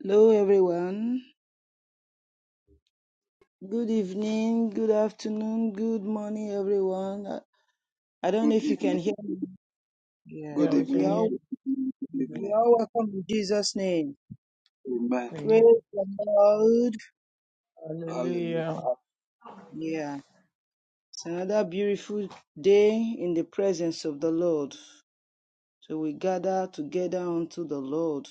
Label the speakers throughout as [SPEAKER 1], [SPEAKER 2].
[SPEAKER 1] Hello, everyone. Good evening, good afternoon, good morning, everyone. I I don't know
[SPEAKER 2] Good
[SPEAKER 1] if you can
[SPEAKER 2] evening.
[SPEAKER 1] hear me. Yeah,
[SPEAKER 2] Good
[SPEAKER 3] Yeah, we
[SPEAKER 1] we
[SPEAKER 3] can
[SPEAKER 2] evening.
[SPEAKER 3] hear
[SPEAKER 1] all
[SPEAKER 2] Good evening. Good
[SPEAKER 3] you.
[SPEAKER 1] we
[SPEAKER 2] evening.
[SPEAKER 1] all welcome in Jesus' name.
[SPEAKER 2] Amen.
[SPEAKER 1] Praise
[SPEAKER 3] Amen.
[SPEAKER 1] the Lord.
[SPEAKER 2] Hallelujah.
[SPEAKER 3] Hallelujah.
[SPEAKER 1] Yeah, it's another beautiful day in the presence of the Lord. So we gather together unto the Lord.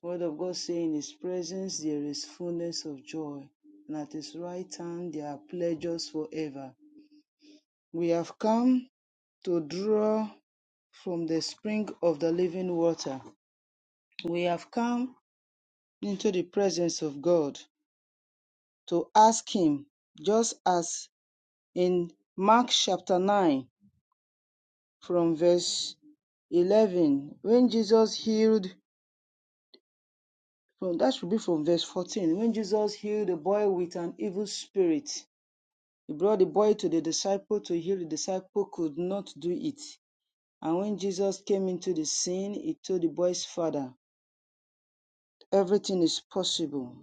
[SPEAKER 1] Word of God say, in His presence there is fullness of joy, and at His right hand there are pleasures forever. We have come to draw. from the spring of the living water. We have come into the presence of God to ask Him, just as in Mark chapter 9, from verse 11, when Jesus healed, from that should be from verse 14, when Jesus healed a boy with an evil spirit. He brought the boy to the disciple to heal. The disciple could not do it. And when Jesus came into the scene, he told the boy's father, Everything is possible.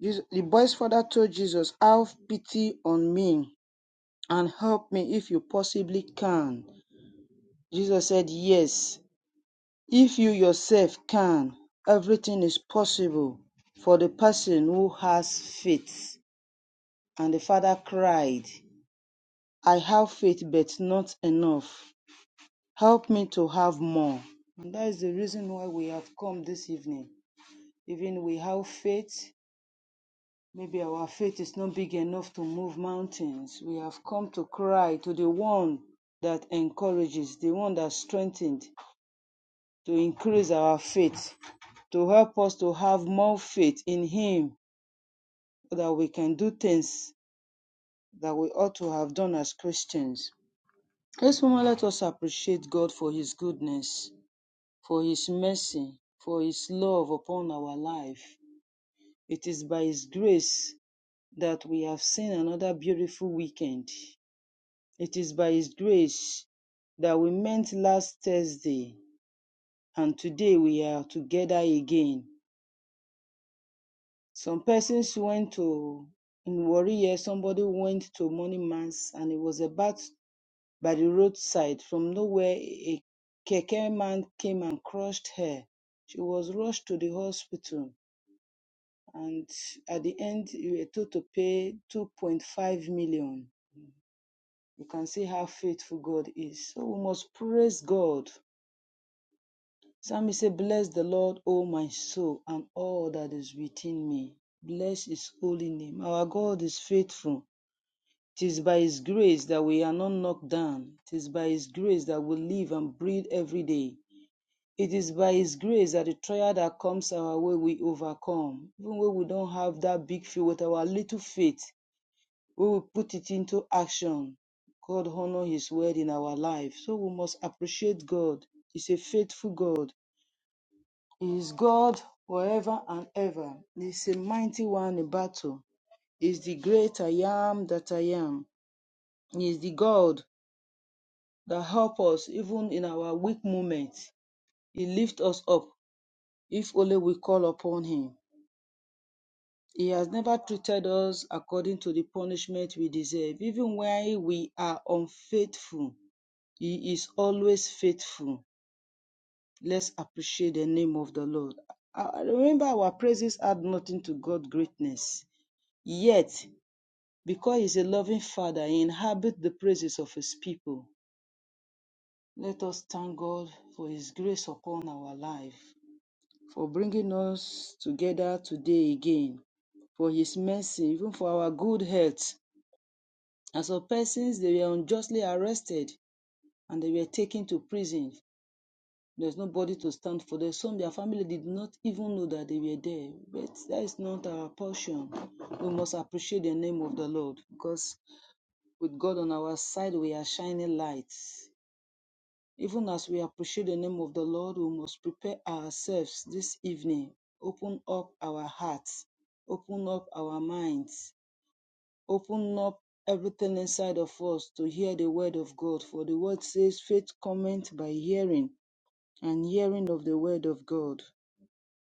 [SPEAKER 1] Jesus, the boy's father told Jesus, Have pity on me and help me if you possibly can. Jesus said, Yes, if you yourself can, everything is possible for the person who has faith. And the father cried, I have faith, but not enough. Help me to have more. And that is the reason why we have come this evening. Even we have faith, Maybe our faith is not big enough to move mountains. We have come to cry to the one that encourages, the one that strengthens, to increase our faith, to help us to have more faith in Him so that we can do things that we ought to have done as Christians. This moment, let us appreciate God for His goodness, for His mercy, for His love upon our life. It is by His grace that we have seen another beautiful weekend. It is by His grace that we met last Thursday and today we are together again. Some persons went to, in Warrior, somebody went to morning mass and it was about by the roadside. From nowhere, a keke man came and crushed her. She was rushed to the hospital and at the end, we were told to pay 2.5 million. You can see how faithful God is. So we must praise God Psalmist said, Bless the Lord, O my soul, and all that is within me. Bless his holy name. Our God is faithful. It is by his grace that we are not knocked down. It is by his grace that we live and breathe every day. It is by his grace that the trial that comes our way we overcome. Even when we don't have that big faith, with our little faith, we will put it into action. God honours his word in our life. So we must appreciate God. He's a faithful God. He is God forever and ever. He is a mighty one in battle. He is the great I am that I am. He is the God that helps us even in our weak moments. He lifts us up if only we call upon him. He has never treated us according to the punishment we deserve. Even when we are unfaithful, he is always faithful. Let's appreciate the name of the Lord. I I remember our praises add nothing to God's greatness. Yet, because He is a loving Father, He inhabits the praises of His people. Let us thank God for His grace upon our life, for bringing us together today again, for His mercy, even for our good health. As for persons, they were unjustly arrested and they were taken to prison. There's nobody to stand for them. Some their family did not even know that they were there. But that is not our portion. We must appreciate the name of the Lord because With God on our side, we are shining lights. Even as we appreciate the name of the Lord, we must prepare ourselves this evening. Open up our hearts, open up our minds, open up everything inside of us to hear the word of God. For the word says, faith cometh by hearing, and hearing of the word of God.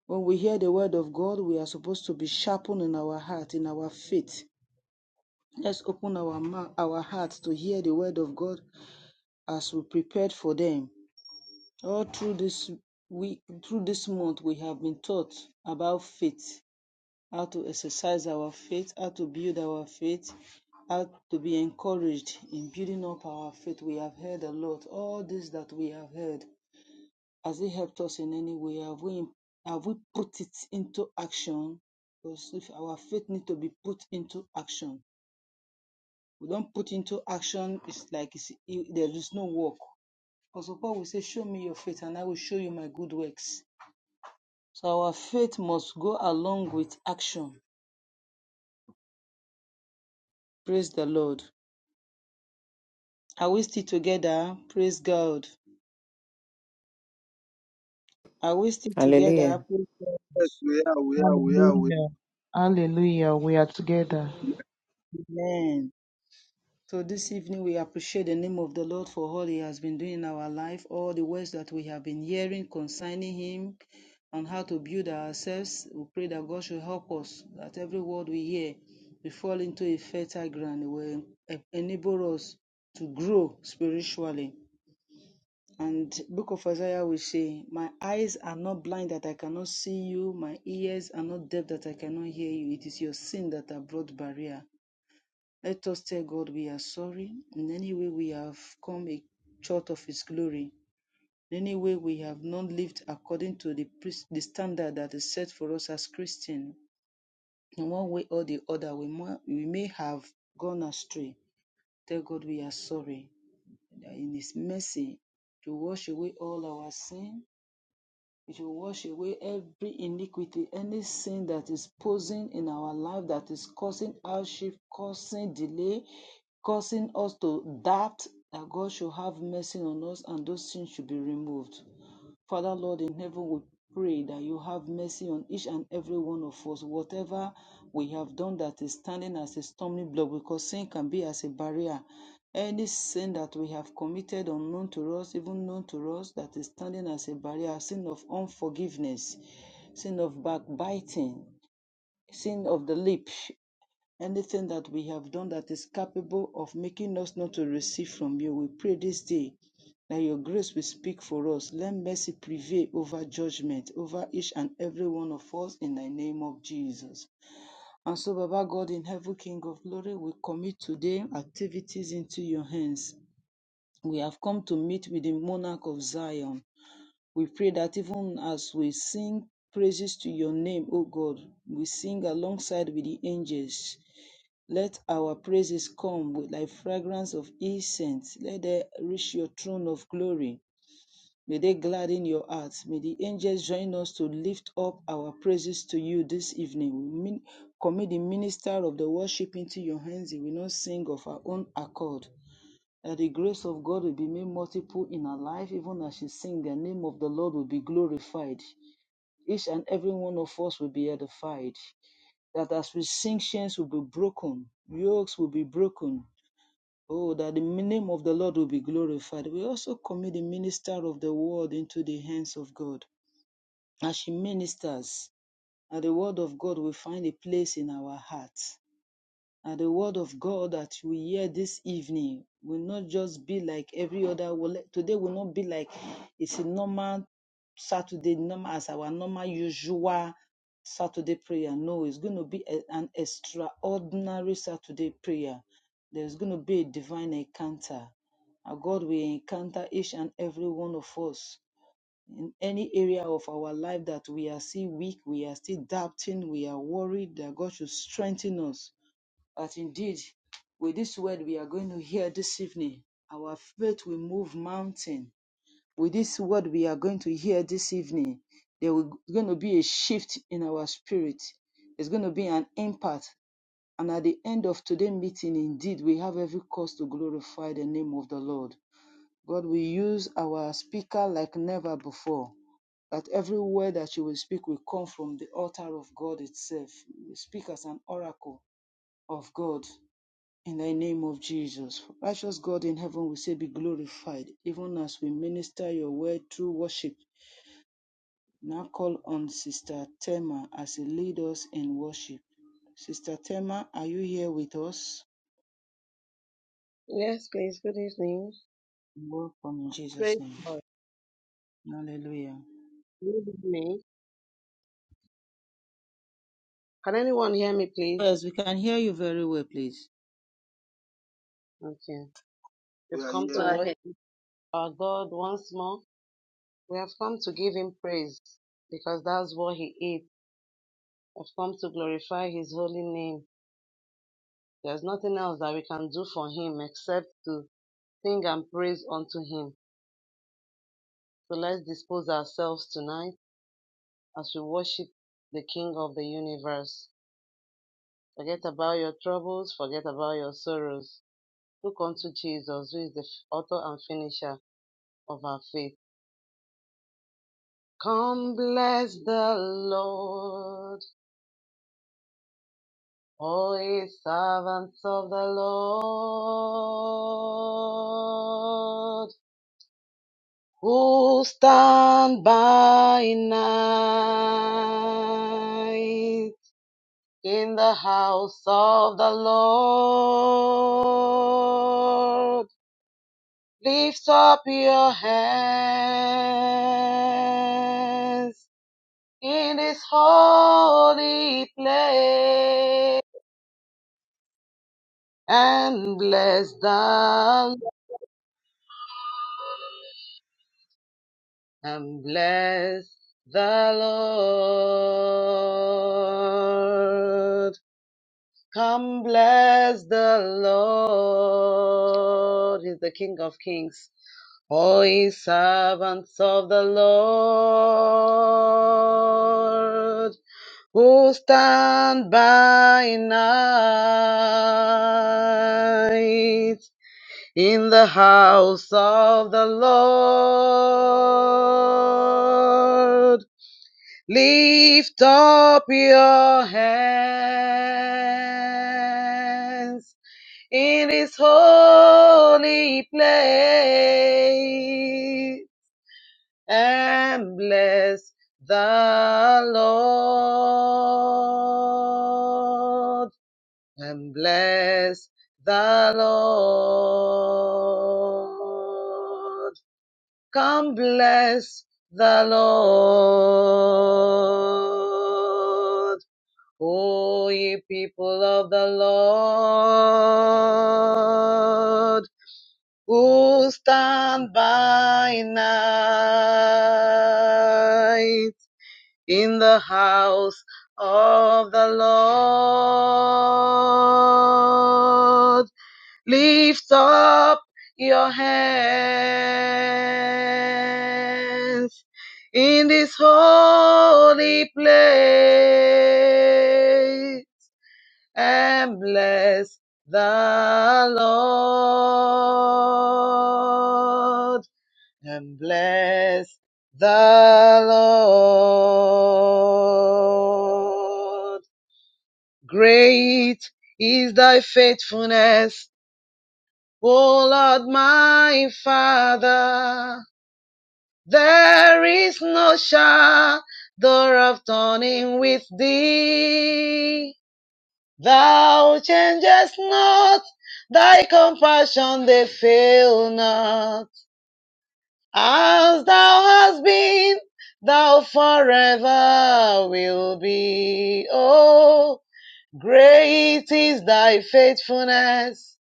[SPEAKER 1] When we hear the word of God, we are supposed to be sharpened in our heart, in our faith. Let's open our mouth, our hearts to hear the word of God as we prepared for them. All through this week, through this month, we have been taught about faith, how to exercise our faith, how to build our faith, how to be encouraged in building up our faith. We have heard a lot. All this that we have heard, has it helped us in any way? Have we have we put it into action? Because if our faith need to be put into action, we don't put into action, it's like it's, there is no work Apostle Paul will say, Show me your faith, and I will show you my good works. So our faith must go along with action. Praise the Lord. Are we still together? Praise God. Are we still
[SPEAKER 4] Hallelujah.
[SPEAKER 1] together? Praise God.
[SPEAKER 2] Yes, we are. We are. We are. We are,
[SPEAKER 5] Hallelujah. Hallelujah. We are together.
[SPEAKER 1] Amen. So this evening, we appreciate the name of the Lord for all He has been doing in our life, all the words that we have been hearing concerning Him on how to build ourselves. We pray that God should help us, that every word we hear, we fall into a fertile ground, it will enable us to grow spiritually. And Book of Isaiah will say, My eyes are not blind that I cannot see you, my ears are not deaf that I cannot hear you. It is your sin that have brought barrier let us tell God we are sorry in any way we have come a- short of His glory, in any way we have not lived according to the, pres- the standard that is set for us as Christians. In one way or the other, we, mo- we may have gone astray. Tell God we are sorry. That In His mercy, to wash away all our sin, it will wash away every iniquity, any sin that is posing in our life that is causing hardship, causing delay, causing us to doubt that God should have mercy on us and those sins should be removed. Father, Lord in heaven, we pray that you have mercy on each and every one of us. Whatever we have done that is standing as a stumbling block, because sin can be as a barrier. Any sin that we have committed unknown to us, even known to us, that is standing as a barrier, sin of unforgiveness, sin of backbiting, sin of the lip. Anything that we have done that is capable of making us not to receive from you, we pray this day that your grace will speak for us. Let mercy prevail over judgment, over each and every one of us in the name of Jesus. And so, Baba God in heaven, King of glory, we commit today activities into your hands. We have come to meet with the monarch of Zion. We pray that even as we sing praises to your name, O God, we sing alongside with the angels. Let our praises come with like fragrance of incense. Let they reach your throne of glory. May they gladden your hearts. May the angels join us to lift up our praises to you this evening. We commit the minister of the worship into your hands. We will not sing of our own accord. That the grace of God will be made multiple in our life, even as she sings, the name of the Lord will be glorified. Each and every one of us will be edified that as we sing, chains will be broken, yokes will be broken, Oh, that the name of the Lord will be glorified. We also commit the minister of the word into the hands of God. As she ministers, and the word of God will find a place in our hearts. And the word of God that we hear this evening will not just be like every other. will- Today will not be like it's a normal Saturday, normal as our normal usual Saturday prayer. No, it's going to be a- an extraordinary Saturday prayer. There's going to be a divine encounter. And God will encounter each and every one of us in any area of our life that we are still weak, we are still doubting, we are worried that God should strengthen us that indeed with this word we are going to hear this evening, our faith will move mountain. With this word we are going to hear this evening, there will going to be a shift in our spirit. There's going to be an impact. And at the end of today's meeting, indeed, we have every cause to glorify the name of the Lord. God will use our speaker like never before. That every word that she will speak will come from the altar of God itself. We speak as an oracle of God. In the name of Jesus, righteous God in heaven, we say be glorified, even as we minister your word through worship. Now call on Sister Tema as she lead us in worship. Sister Tema, are you here with us?
[SPEAKER 6] Yes, please. Good evening.
[SPEAKER 1] Welcome in Jesus'
[SPEAKER 6] Praise
[SPEAKER 1] name.
[SPEAKER 6] God.
[SPEAKER 1] Hallelujah.
[SPEAKER 6] Good evening. Can anyone hear me, please?
[SPEAKER 1] Yes, we can hear you very well,
[SPEAKER 6] Okay.
[SPEAKER 2] we
[SPEAKER 6] We've
[SPEAKER 2] are
[SPEAKER 6] come to
[SPEAKER 7] Well,
[SPEAKER 2] hearing.
[SPEAKER 6] worship our God once more. We have come to give him praise because that's what he is. We've come to glorify his holy name. There's nothing else that we can do for him except to sing and praise unto him. So let's dispose ourselves tonight as we worship the King of the universe. Forget about your troubles, forget about your sorrows Look unto Jesus, who is the author and finisher of our faith. Come bless the Lord, all ye servants of the Lord, who stand by night in the house of the Lord. Lift up your hands in this holy place and bless the and bless the Lord. Come bless the Lord. He's the King of Kings. Oh, ye servants of the Lord. who stand by night in the house of the Lord. Lift up your hands in his holy place and bless the Lord and bless the Lord. Come bless the Lord. O ye people of the Lord, who stand by night in the house of the Lord. Lift up your hands in this holy place and bless the Lord and bless the Lord. Great is thy faithfulness, O Lord my Father. There is no shadow of turning with thee. Thou changest not, thy compassion they fail not. As thou hast been, thou forever will be. Oh, great is thy faithfulness.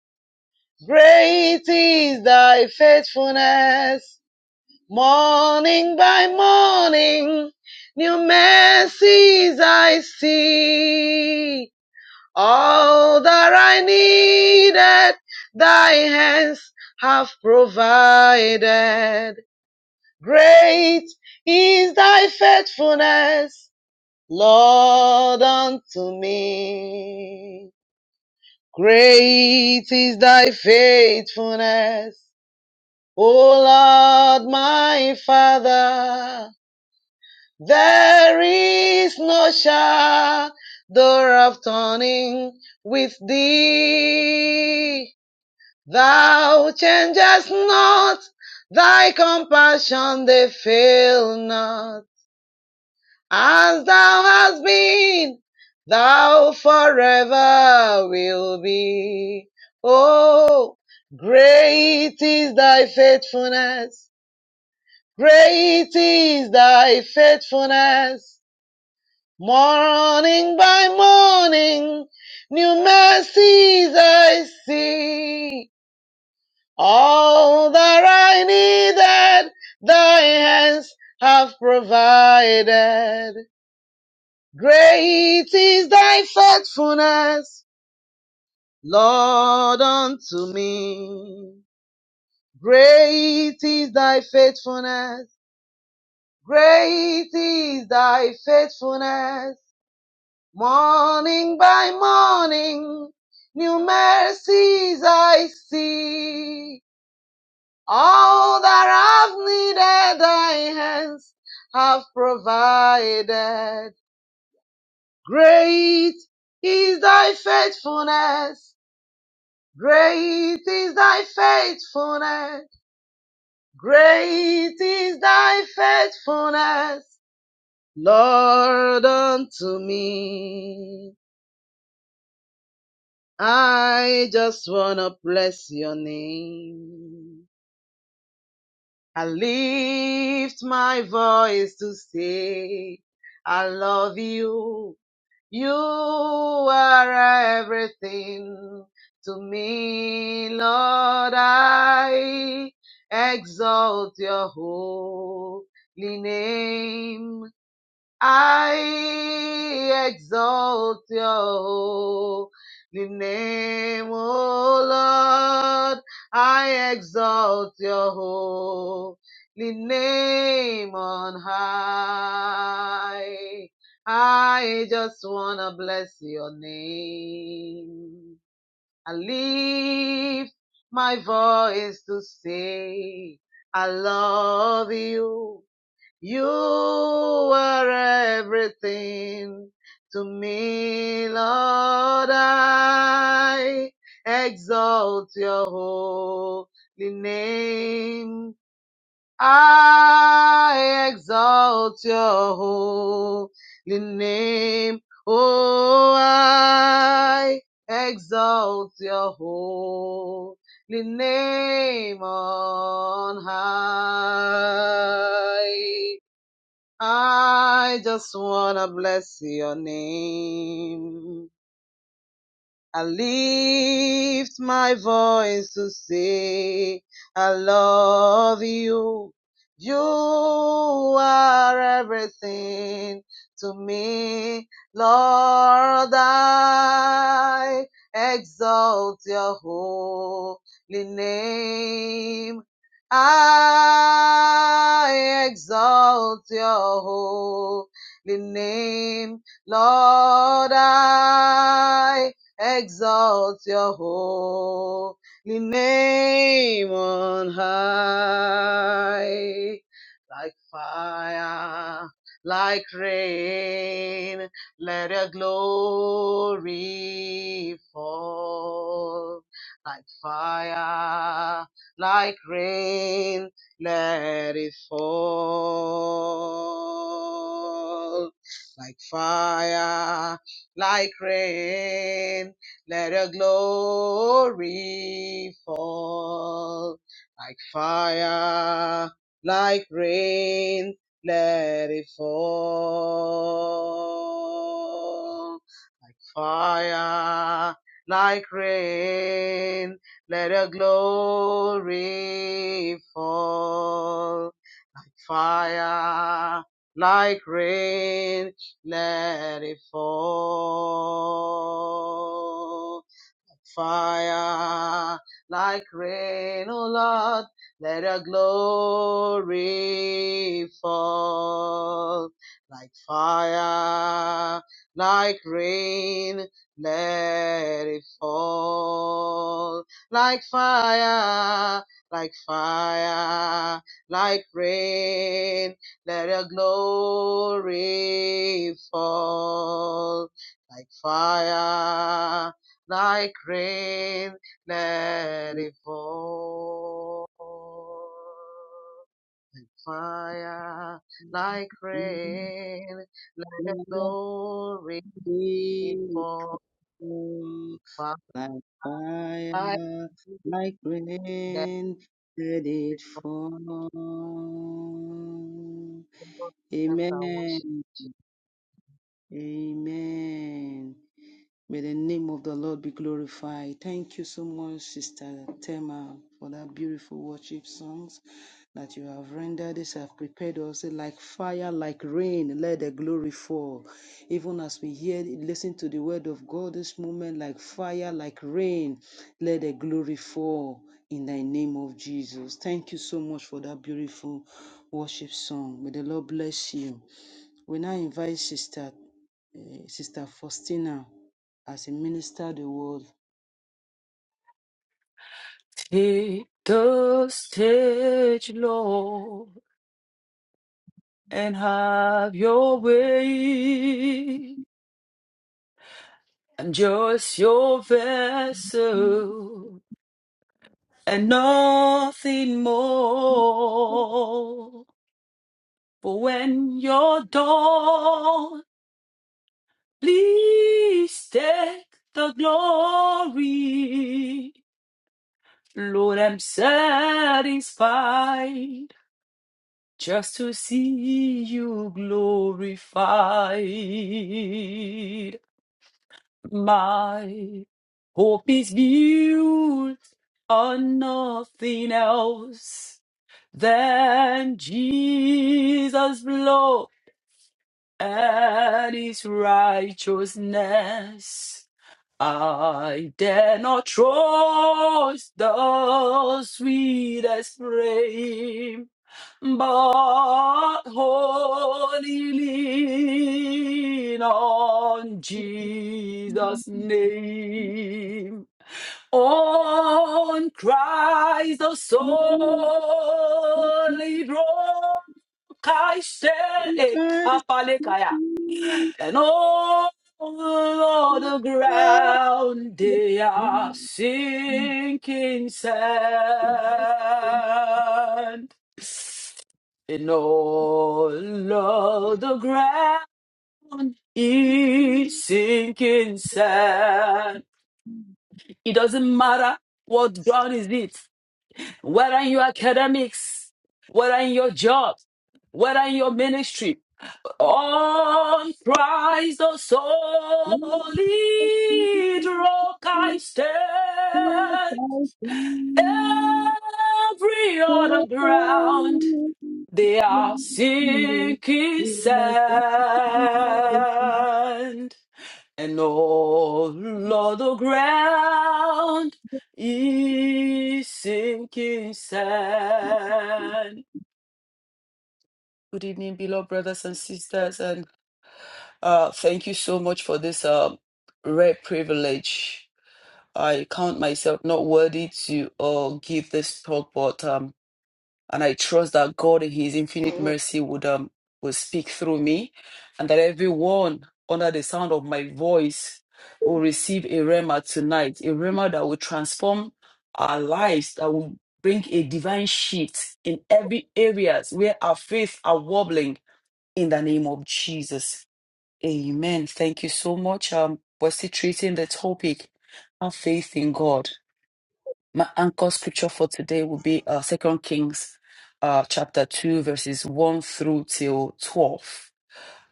[SPEAKER 6] Great is thy faithfulness. Morning by morning, new mercies I see. All that I needed, thy hands have provided. Great is thy faithfulness, Lord, unto me. Great is thy faithfulness, O Lord, my Father. There is no shadow of turning with thee. Thou changest not, thy compassion they fail not. As thou hast been, thou forever will be. Oh, great is thy faithfulness. Great is thy faithfulness. Morning by morning, new mercies I see. All that I needed, thy hands have provided. Great is thy faithfulness, Lord, unto me. Great is thy faithfulness. Great is thy faithfulness. Morning by morning, new mercies I see. All that I've needed, thy hands have provided. Great is thy faithfulness. Great is thy faithfulness. Great is thy faithfulness, Lord, unto me. I just wanna bless your name. I lift my voice to say, I love you. You are everything to me, Lord. I exalt your holy name. I exalt your holy name, O Lord. I exalt your holy name on high. I just wanna bless your name. I lift my voice to say I love you. You are everything to me, Lord. I exalt your holy name. I exalt your holy name. Oh, I exalt your holy name on high. I just wanna bless your name. I lift my voice to say, I love you. You are everything to me, Lord. I exalt your holy name. I exalt your holy name, Lord. I exalt your holy name on high. Like fire, like rain, let your glory fall. Like fire, like rain, let it fall like fire, like rain. Let your glory fall like fire, like rain. Let it fall. Fire, like rain. Let your glory fall like fire, like rain, let it fall fire like rain, O Lord. Let your glory fall like fire, like rain. Let it fall like fire, like fire, like rain. Let your glory fall like fire like rain, let it fall. Fire, like rain, let the glory
[SPEAKER 1] please.
[SPEAKER 6] fall.
[SPEAKER 1] like fire,
[SPEAKER 6] Fire,
[SPEAKER 1] like
[SPEAKER 6] let
[SPEAKER 1] rain, let it
[SPEAKER 6] it fall.
[SPEAKER 1] fall.
[SPEAKER 6] That's our
[SPEAKER 1] Amen.
[SPEAKER 6] worship.
[SPEAKER 1] Amen. May the name of the Lord be glorified. Thank you so much, Sister Tema, for that beautiful worship songs that you have rendered. This have prepared us like fire, like rain. Let the glory fall. Even as we hear, listen to the word of God this moment, like fire, like rain. Let the glory fall in the name of Jesus. Thank you so much for that beautiful worship song. May the Lord bless you. We now invite Sister eh, Sister Faustina as he ministered the word.
[SPEAKER 8] Take the stage, Lord, and have your way. I'm just your vessel and nothing more. For when you're done, please take the glory. Lord, I'm satisfied just to see you glorified. My hope is built on nothing else than Jesus' blood and his righteousness. I dare not trust the sweetest frame but wholly lean on Jesus' name. On Christ the solid rock I stand, Apalekaya. and all the ground they are sinking sand. And all of the ground is sinking sand. It doesn't matter what ground is it, whether in your academics, whether in your job, whether in your ministry, on Christ the solid rock I stand. Every other ground They are sinking sand, and all of the ground is sinking sand. Good evening, beloved brothers and sisters, and uh, thank you so much for this um, rare privilege. I count myself not worthy to uh, give this talk, but um, and I trust that God in His infinite mercy would um will speak through me, and that everyone under the sound of my voice will receive a rema tonight, a rema that will transform our lives, that will bring a divine shift in every areas where our faith are wobbling. In the name of Jesus, Amen. Thank you so much. Um, we're still treating the topic, our faith in God. My anchor scripture for today will be uh, 2 Kings uh, chapter 2, verses 1 through till 12.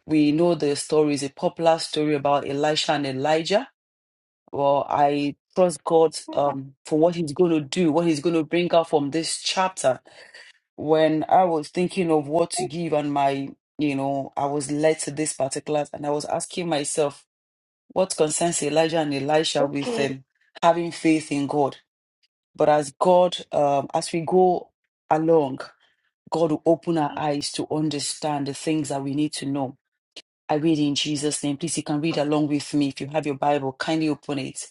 [SPEAKER 8] We know the story is a popular story about Elisha and Elijah. Well, I trust God um, for what He's going to do, what He's going to bring out from this chapter. When I was thinking of what to give, and my, you know, I was led to this particular, and I was asking myself, what concerns Elijah and Elisha with um, having faith in God? But as God, um, as we go along, God will open our eyes to understand the things that we need to know. I read in Jesus' name. Please, you can read along with me. If you have your Bible, kindly open it.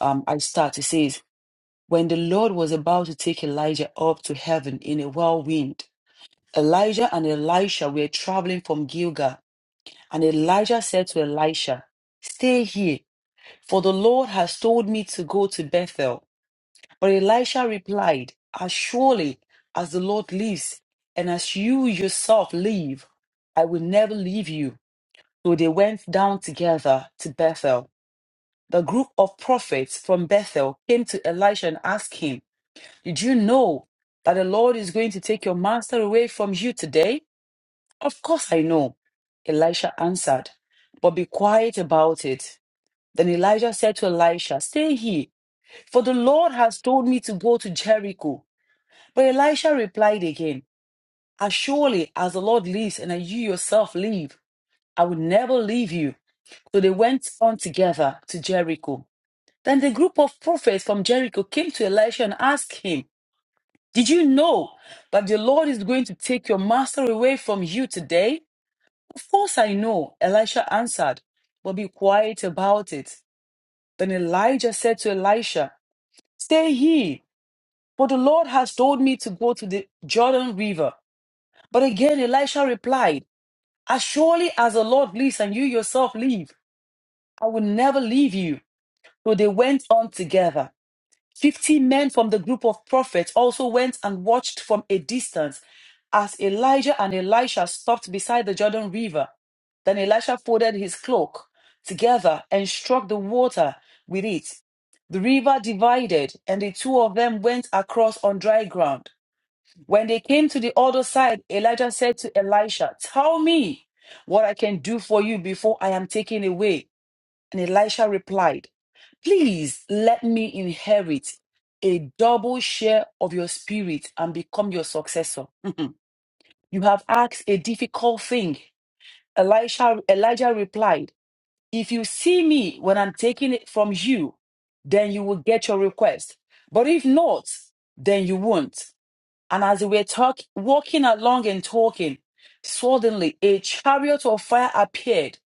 [SPEAKER 8] Um, I start. It says, When the Lord was about to take Elijah up to heaven in a whirlwind, Elijah and Elisha were traveling from Gilgal. And Elijah said to Elisha, 'Stay here, for the Lord has told me to go to Bethel. But Elisha replied, As surely as the Lord lives, and as you yourself live, I will never leave you. So they went down together to Bethel. The group of prophets from Bethel came to Elisha and asked him, Did you know that the Lord is going to take your master away from you today? Of course I know. Elisha answered, But be quiet about it. Then Elijah said to Elisha, Stay here, for the Lord has told me to go to Jericho. But Elisha replied again, As surely as the Lord lives and as you yourself live, I will never leave you. So they went on together to Jericho. Then the group of prophets from Jericho came to Elisha and asked him, Did you know that the Lord is going to take your master away from you today? Of course I know, Elisha answered, but be quiet about it. Then Elijah said to Elisha, Stay here, for the Lord has told me to go to the Jordan River. But again, Elisha replied, As surely as the Lord lives and you yourself live, I will never leave you. So they went on together. Fifty men from the group of prophets also went and watched from a distance as Elijah and Elisha stopped beside the Jordan River. Then Elisha folded his cloak together and struck the water with it. The river divided, and the two of them went across on dry ground. When they came to the other side, Elijah said to Elisha, Tell me what I can do for you before I am taken away. And Elisha replied, Please let me inherit a double share of your spirit and become your successor. you have asked a difficult thing. Elisha, Elijah replied, If you see me when I'm taking it from you, then you will get your request. But if not, then you won't. And as they were talk- walking along and talking, suddenly a chariot of fire appeared,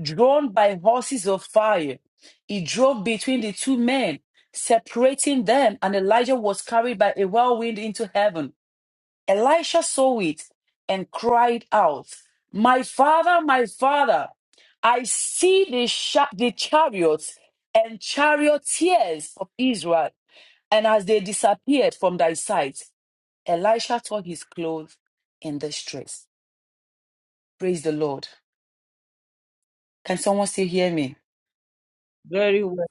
[SPEAKER 8] drawn by horses of fire. It drove between the two men, separating them, and Elijah was carried by a whirlwind into heaven. Elisha saw it and cried out, My father, my father, I see the, sha- the chariots and charioteers of Israel, and as they disappeared from thy sight. Elisha tore his clothes in distress. Praise the Lord. Can someone still hear me?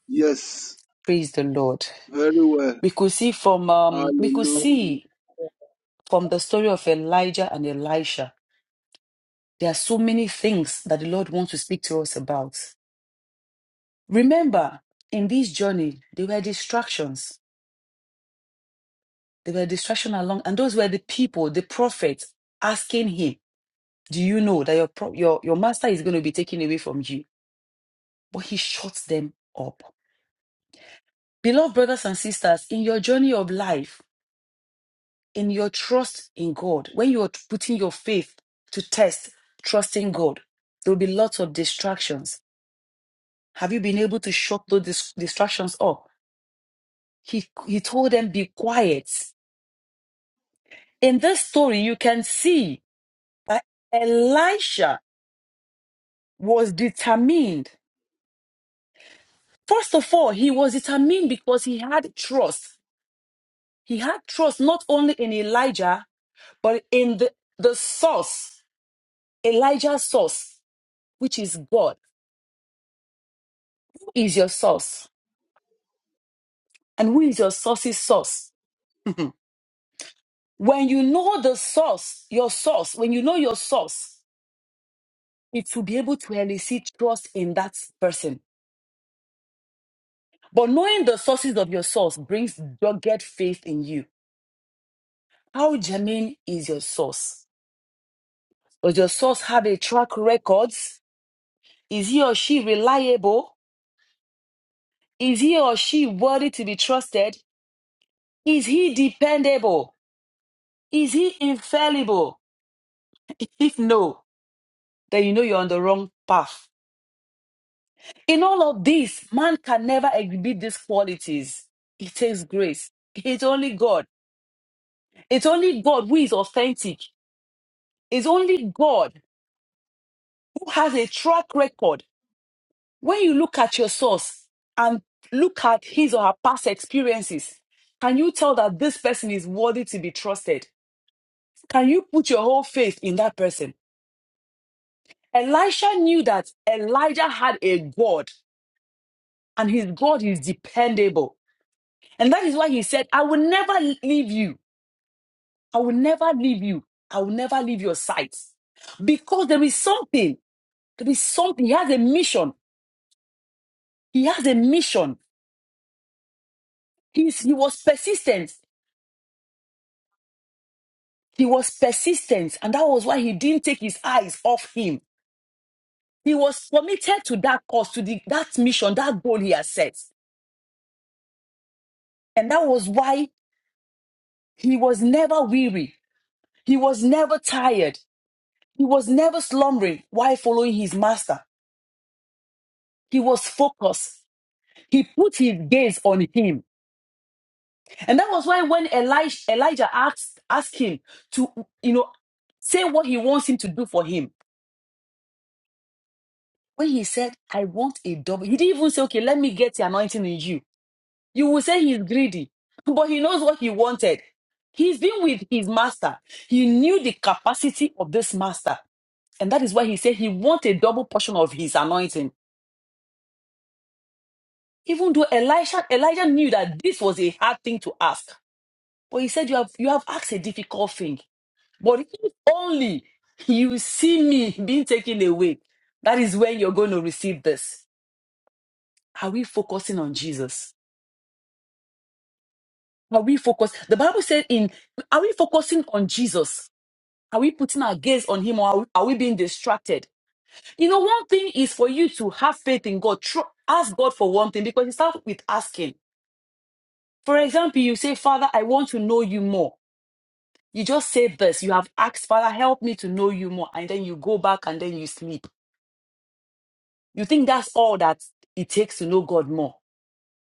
[SPEAKER 2] Yes.
[SPEAKER 8] Praise the Lord.
[SPEAKER 2] Very well.
[SPEAKER 8] We could see from um, we could
[SPEAKER 2] Hallelujah.
[SPEAKER 8] see from the story of Elijah and Elisha. There are so many things that the Lord wants to speak to us about. Remember, in this journey, there were distractions. There were distractions along, and those were the people, the prophets, asking him, "Do you know that your pro- your your master is going to be taken away from you?" But he shuts them up. Beloved brothers and sisters, in your journey of life, in your trust in God, when you are putting your faith to test, trusting God, there will be lots of distractions. Have you been able to shut those dis- distractions up? He, he told them, be quiet. In this story, you can see that Elisha was determined. First of all, he was determined because he had trust. He had trust not only in Elijah, but in the, the source Elijah's source, which is God, is your source. And who is your source's source? when you know the source, your source, when you know your source, it will be able to elicit trust in that person. But knowing the sources of your source brings dogged faith in you. How germane is your source? Does your source have a track record? Is he or she reliable? Is he or she worthy to be trusted? Is he dependable? Is he infallible? If no, then you know you're on the wrong path. In all of this, man can never exhibit these qualities. It takes grace. It's only God. It's only God who is authentic. It's only God who has a track record. When you look at your source and look at his or her past experiences, can you tell that this person is worthy to be trusted? Can you put your whole faith in that person? Elisha knew that Elijah had a God and his God is dependable. And that is why he said, I will never leave you. I will never leave you. I will never leave your sight. Because there is something. There is something. He has a mission. He has a mission. He's, he was persistent. He was persistent. And that was why he didn't take his eyes off him. He was committed to that cause, to the, that mission, that goal he has set. And that was why he was never weary. He was never tired. He was never slumbering while following his master. He was focused. He put his gaze on him. And that was why when Elijah, Elijah asked, asked him to, you know, say what he wants him to do for him, when he said, I want a double, he didn't even say, okay, let me get the anointing in you. You will say he's greedy, but he knows what he wanted. He's been with his master. He knew the capacity of this master. And that is why he said he wanted a double portion of his anointing. Even though Elisha, Elijah knew that this was a hard thing to ask. But he said, You have you have asked a difficult thing. But if only you see me being taken away, that is when you're going to receive this. Are we focusing on Jesus? Are we focused? The Bible said in are we focusing on Jesus? Are we putting our gaze on him or are we, are we being distracted? You know, one thing is for you to have faith in God. Tru- ask God for one thing because it starts with asking. For example, you say, Father, I want to know you more. You just say this. You have asked, Father, help me to know you more. And then you go back and then you sleep You think that's all that it takes to know God more?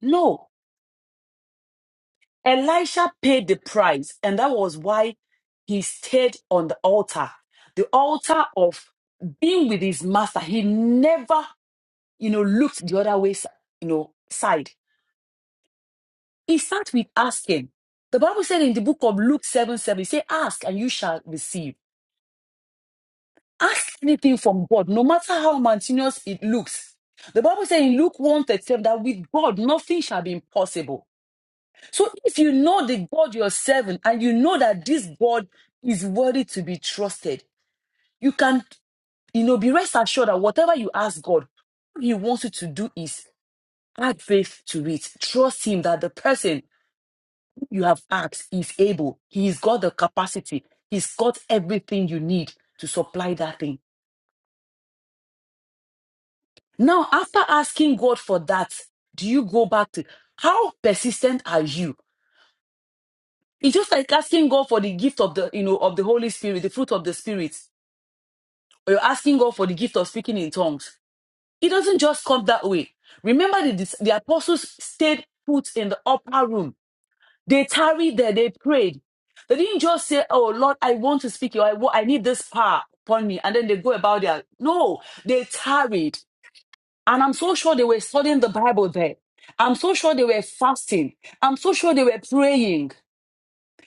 [SPEAKER 8] No. Elisha paid the price, and that was why he stayed on the altar, the altar of being with his master. He never, you know, looked the other way, you know, side. He started with asking. The Bible said in the book of Luke 7 7, say, Ask and you shall receive. Ask anything from God, no matter how mountainous it looks. The Bible says in Luke 1 that with God nothing shall be impossible. So if you know the God you're serving and you know that this God is worthy to be trusted, you can, you know, be rest assured that whatever you ask God, what He wants you to do is add faith to it. Trust Him that the person you have asked is able. He's got the capacity. He's got everything you need to supply that thing. Now, after asking God for that, do you go back to how persistent are you? It's just like asking God for the gift of the, you know, of the Holy Spirit, the fruit of the Spirit or you're asking God for the gift of speaking in tongues, it doesn't just come that way. Remember, the, dis- the apostles stayed put in the upper room. They tarried there, they prayed. They didn't just say, Oh Lord, I want to speak, or I, wa- I need this power upon me, and then they go about their. No, they tarried. And I'm so sure they were studying the Bible there. I'm so sure they were fasting. I'm so sure they were praying.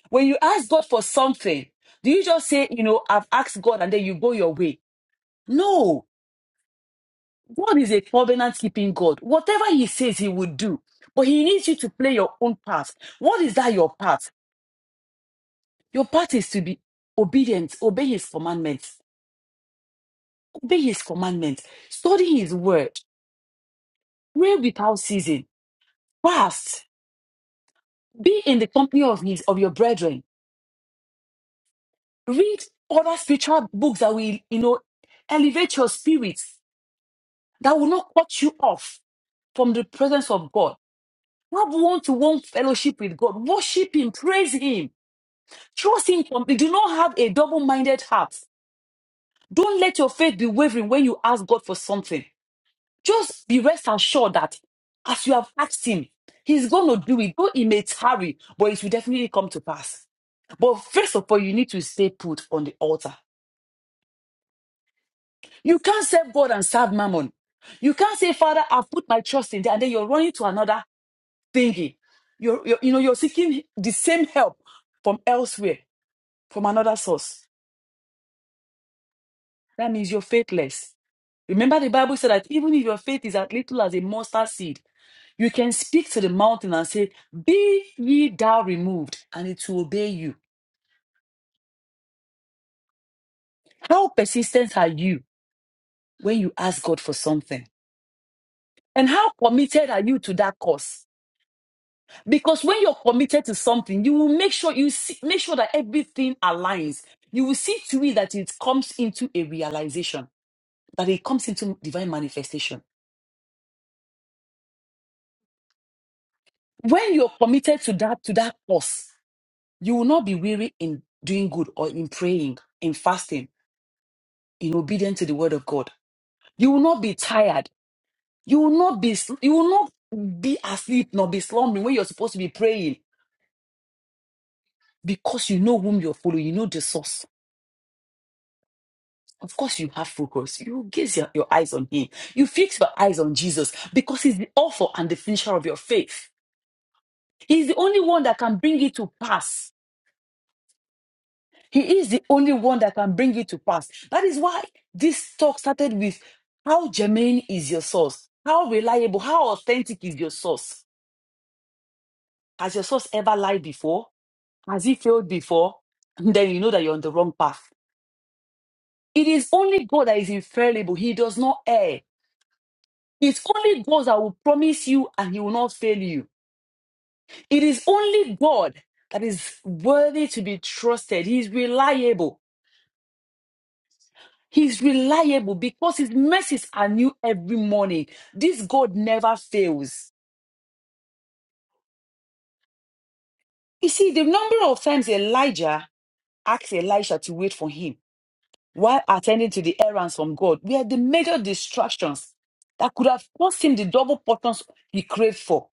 [SPEAKER 8] When you ask God for something, do you just say, You know, I've asked God, and then you go your way? No, God is a covenant keeping God. Whatever He says, He will do. But He needs you to play your own part. What is that your part? Your part is to be obedient, obey His commandments, obey His commandments, study His word, pray without ceasing, fast, be in the company of His of your brethren, read other spiritual books that will, you know, elevate your spirits, that will not cut you off from the presence of God. Have one to one fellowship with God, worship Him, praise Him Trust Him completely. Do not have a double minded heart. Don't let your faith be wavering when you ask God for something. Just be rest assured that as you have asked Him, He's going to do it. Though it may tarry, but it will definitely come to pass. But first of all, you need to stay put on the altar. You can't serve God and serve mammon. You can't say, Father, I've put my trust in there, and then you're running to another thingy. You're, you're, you know, you're seeking the same help from elsewhere, from another source. That means you're faithless. Remember, the Bible said that even if your faith is as little as a mustard seed, you can speak to the mountain and say, Be ye thou removed, and it will obey you. How persistent are you when you ask God for something? And how committed are you to that cause? Because when you're committed to something, you will make sure you see, make sure that everything aligns. You will see to it that it comes into a realization, that it comes into divine manifestation. When you're committed to that to that cause, You will not be weary in doing good or in praying, in fasting, in obedience to the word of God. You will not be tired. You will not be you will not be asleep nor be slumbering when you're supposed to be praying because you know whom you're following, you know the source. Of course, you have focus. You gaze your, your eyes on him. You fix your eyes on Jesus because he's the author and the finisher of your faith. He's the only one that can bring it to pass. He is the only one that can bring it to pass. That is why this talk started with how germane is your source? How reliable, how authentic is your source? Has your source ever lied before? Has he failed before? Then you know that you're on the wrong path. It is only God that is infallible. He does not err. It's only God that will promise you and he will not fail you. It is only God that is worthy to be trusted. He is reliable. He's reliable because his mercies are new every morning. This God never fails. You see, the number of times Elijah asked Elisha to wait for him while attending to the errands from God were the major distractions that could have cost him the double portions he craved for.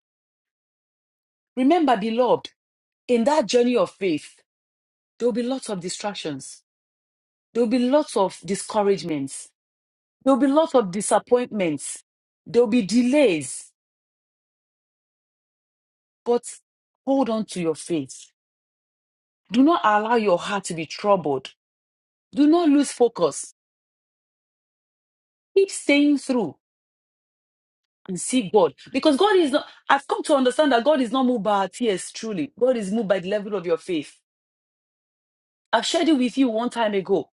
[SPEAKER 8] Remember, beloved, in that journey of faith, there will be lots of distractions. There will be lots of discouragements. There will be lots of disappointments. There will be delays. But hold on to your faith. Do not allow your heart to be troubled. Do not lose focus. Keep staying through and see God. Because God is not, I've come to understand that God is not moved by our tears, truly. God is moved by the level of your faith. I've shared it with you one time ago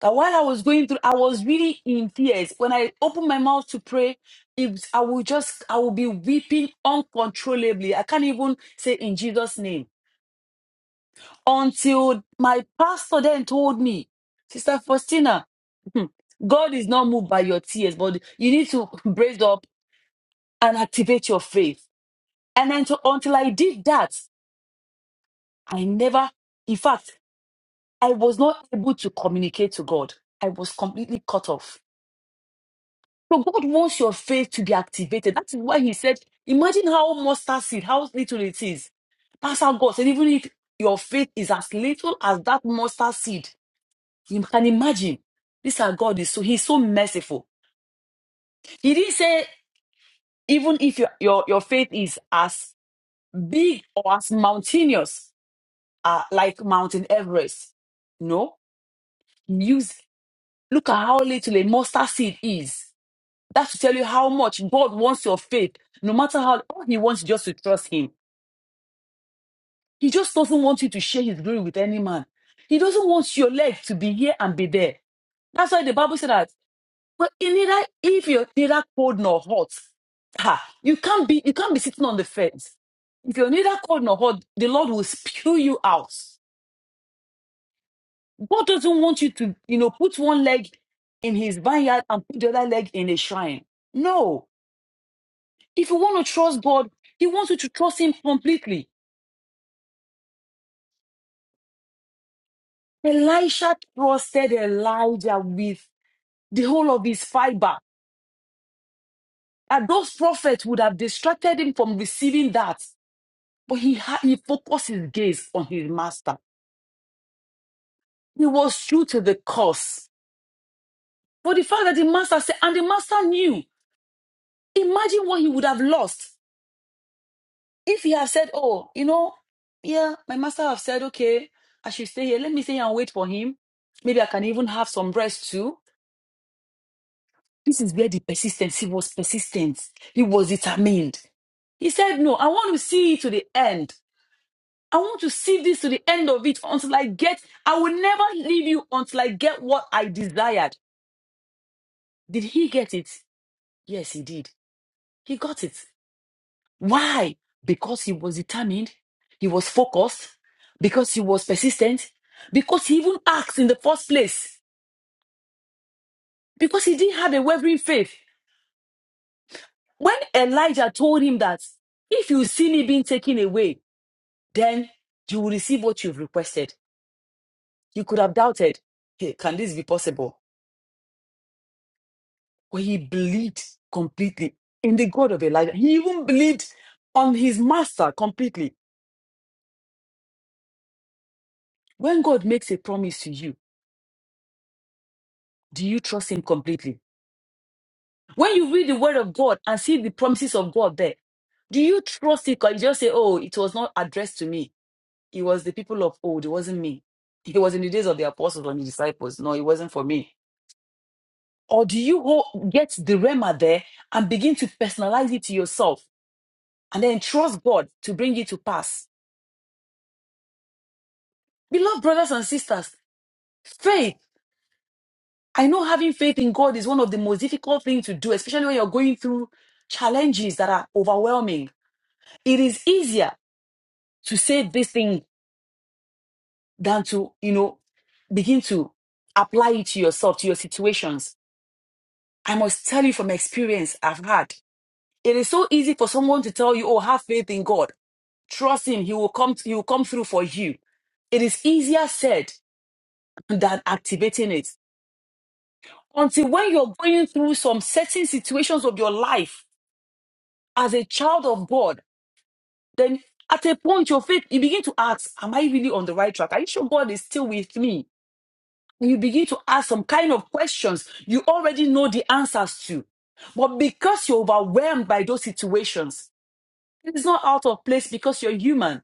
[SPEAKER 8] that while I was going through, I was really in tears. When I opened my mouth to pray, it, I will just, I will be weeping uncontrollably. I can't even say in Jesus' name. until my pastor then told me, Sister Faustina, hmm, God is not moved by your tears, but you need to brace up and activate your faith. And until, until I did that, I never, in fact, I was not able to communicate to God. I was completely cut off. So God wants your faith to be activated. That's why He said, imagine how mustard seed, how little it is. That's how God said, even if your faith is as little as that mustard seed, You can imagine. This our God is so He's so merciful. He didn't say even if your your, your faith is as big or as mountainous uh, like Mountain Everest. No, use look at how little a mustard seed is. That's to tell you how much God wants your faith. No matter how all He wants is just to trust Him. He just doesn't want you to share His glory with any man. He doesn't want your leg to be here and be there. That's why the Bible said that Well, in neither if you're neither cold nor hot, ha, you can't be you can't be sitting on the fence. If you're neither cold nor hot, the Lord will spew you out. God doesn't want you to, you know, put one leg in his vineyard and put the other leg in a shrine. No. If you want to trust God, he wants you to trust him completely. Elisha trusted Elijah with the whole of his fiber. And those prophets would have distracted him from receiving that. But he had he focused his gaze on his master. He was true to the cause. But the fact that the master said, and the master knew, imagine what he would have lost if he had said, Oh, you know, yeah, my master have said, okay, I should stay here. Let me stay here and wait for him. Maybe I can even have some rest too. This is where the persistence, he was persistent. He was determined. He said, No, I want to see it to the end. I want to see this to the end of it until I get, I will never leave you until I get what I desired. Did he get it? Yes, he did. He got it. Why? Because he was determined, he was focused, because he was persistent, because he even asked in the first place, because he didn't have a wavering faith. When Elijah told him that if you see me being taken away, then you will receive what you've requested. You could have doubted, hey, can this be possible? where he believed completely in the God of Elijah. He even believed on his master completely. When God makes a promise to you, do you trust him completely? When you read the word of God and see the promises of God there, do you trust it? Or you just say, oh, it was not addressed to me. It was the people of old. It wasn't me. It was in the days of the apostles and the disciples. No, it wasn't for me. Or do you ho- get the rema there and begin to personalize it to yourself and then trust God to bring it to pass? Beloved brothers and sisters, faith, I know having faith in God is one of the most difficult things to do, especially when you're going through challenges that are overwhelming. It is easier to say this thing than to, you know, begin to apply it to yourself, to your situations. I must tell you from experience I've had. It is so easy for someone to tell you, oh, have faith in God. Trust him. He will come, he will come through for you. It is easier said than activating it. until when you're going through some certain situations of your life as a child of God, then at a point your faith, you begin to ask, Am I really on the right track? Are you sure God is still with me? you begin to ask some kind of questions you already know the answers to. But because you're overwhelmed by those situations, it's not out of place because you're human.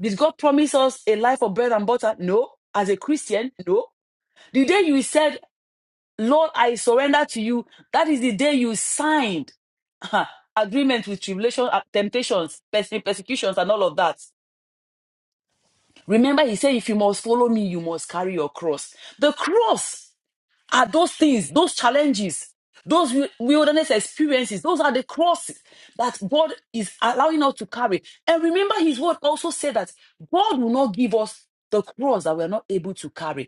[SPEAKER 8] Did God promise us a life of bread and butter? No. As a Christian, no. The day you said, Lord, I surrender to you. That is the day you signed agreement with tribulation, uh, temptations, perse- persecutions, and all of that. Remember, he said, if you must follow me, you must carry your cross. The cross are those things, those challenges, those wi- wilderness experiences. Those are the crosses that God is allowing us to carry. And remember, his word also said that God will not give us the cross that we are not able to carry.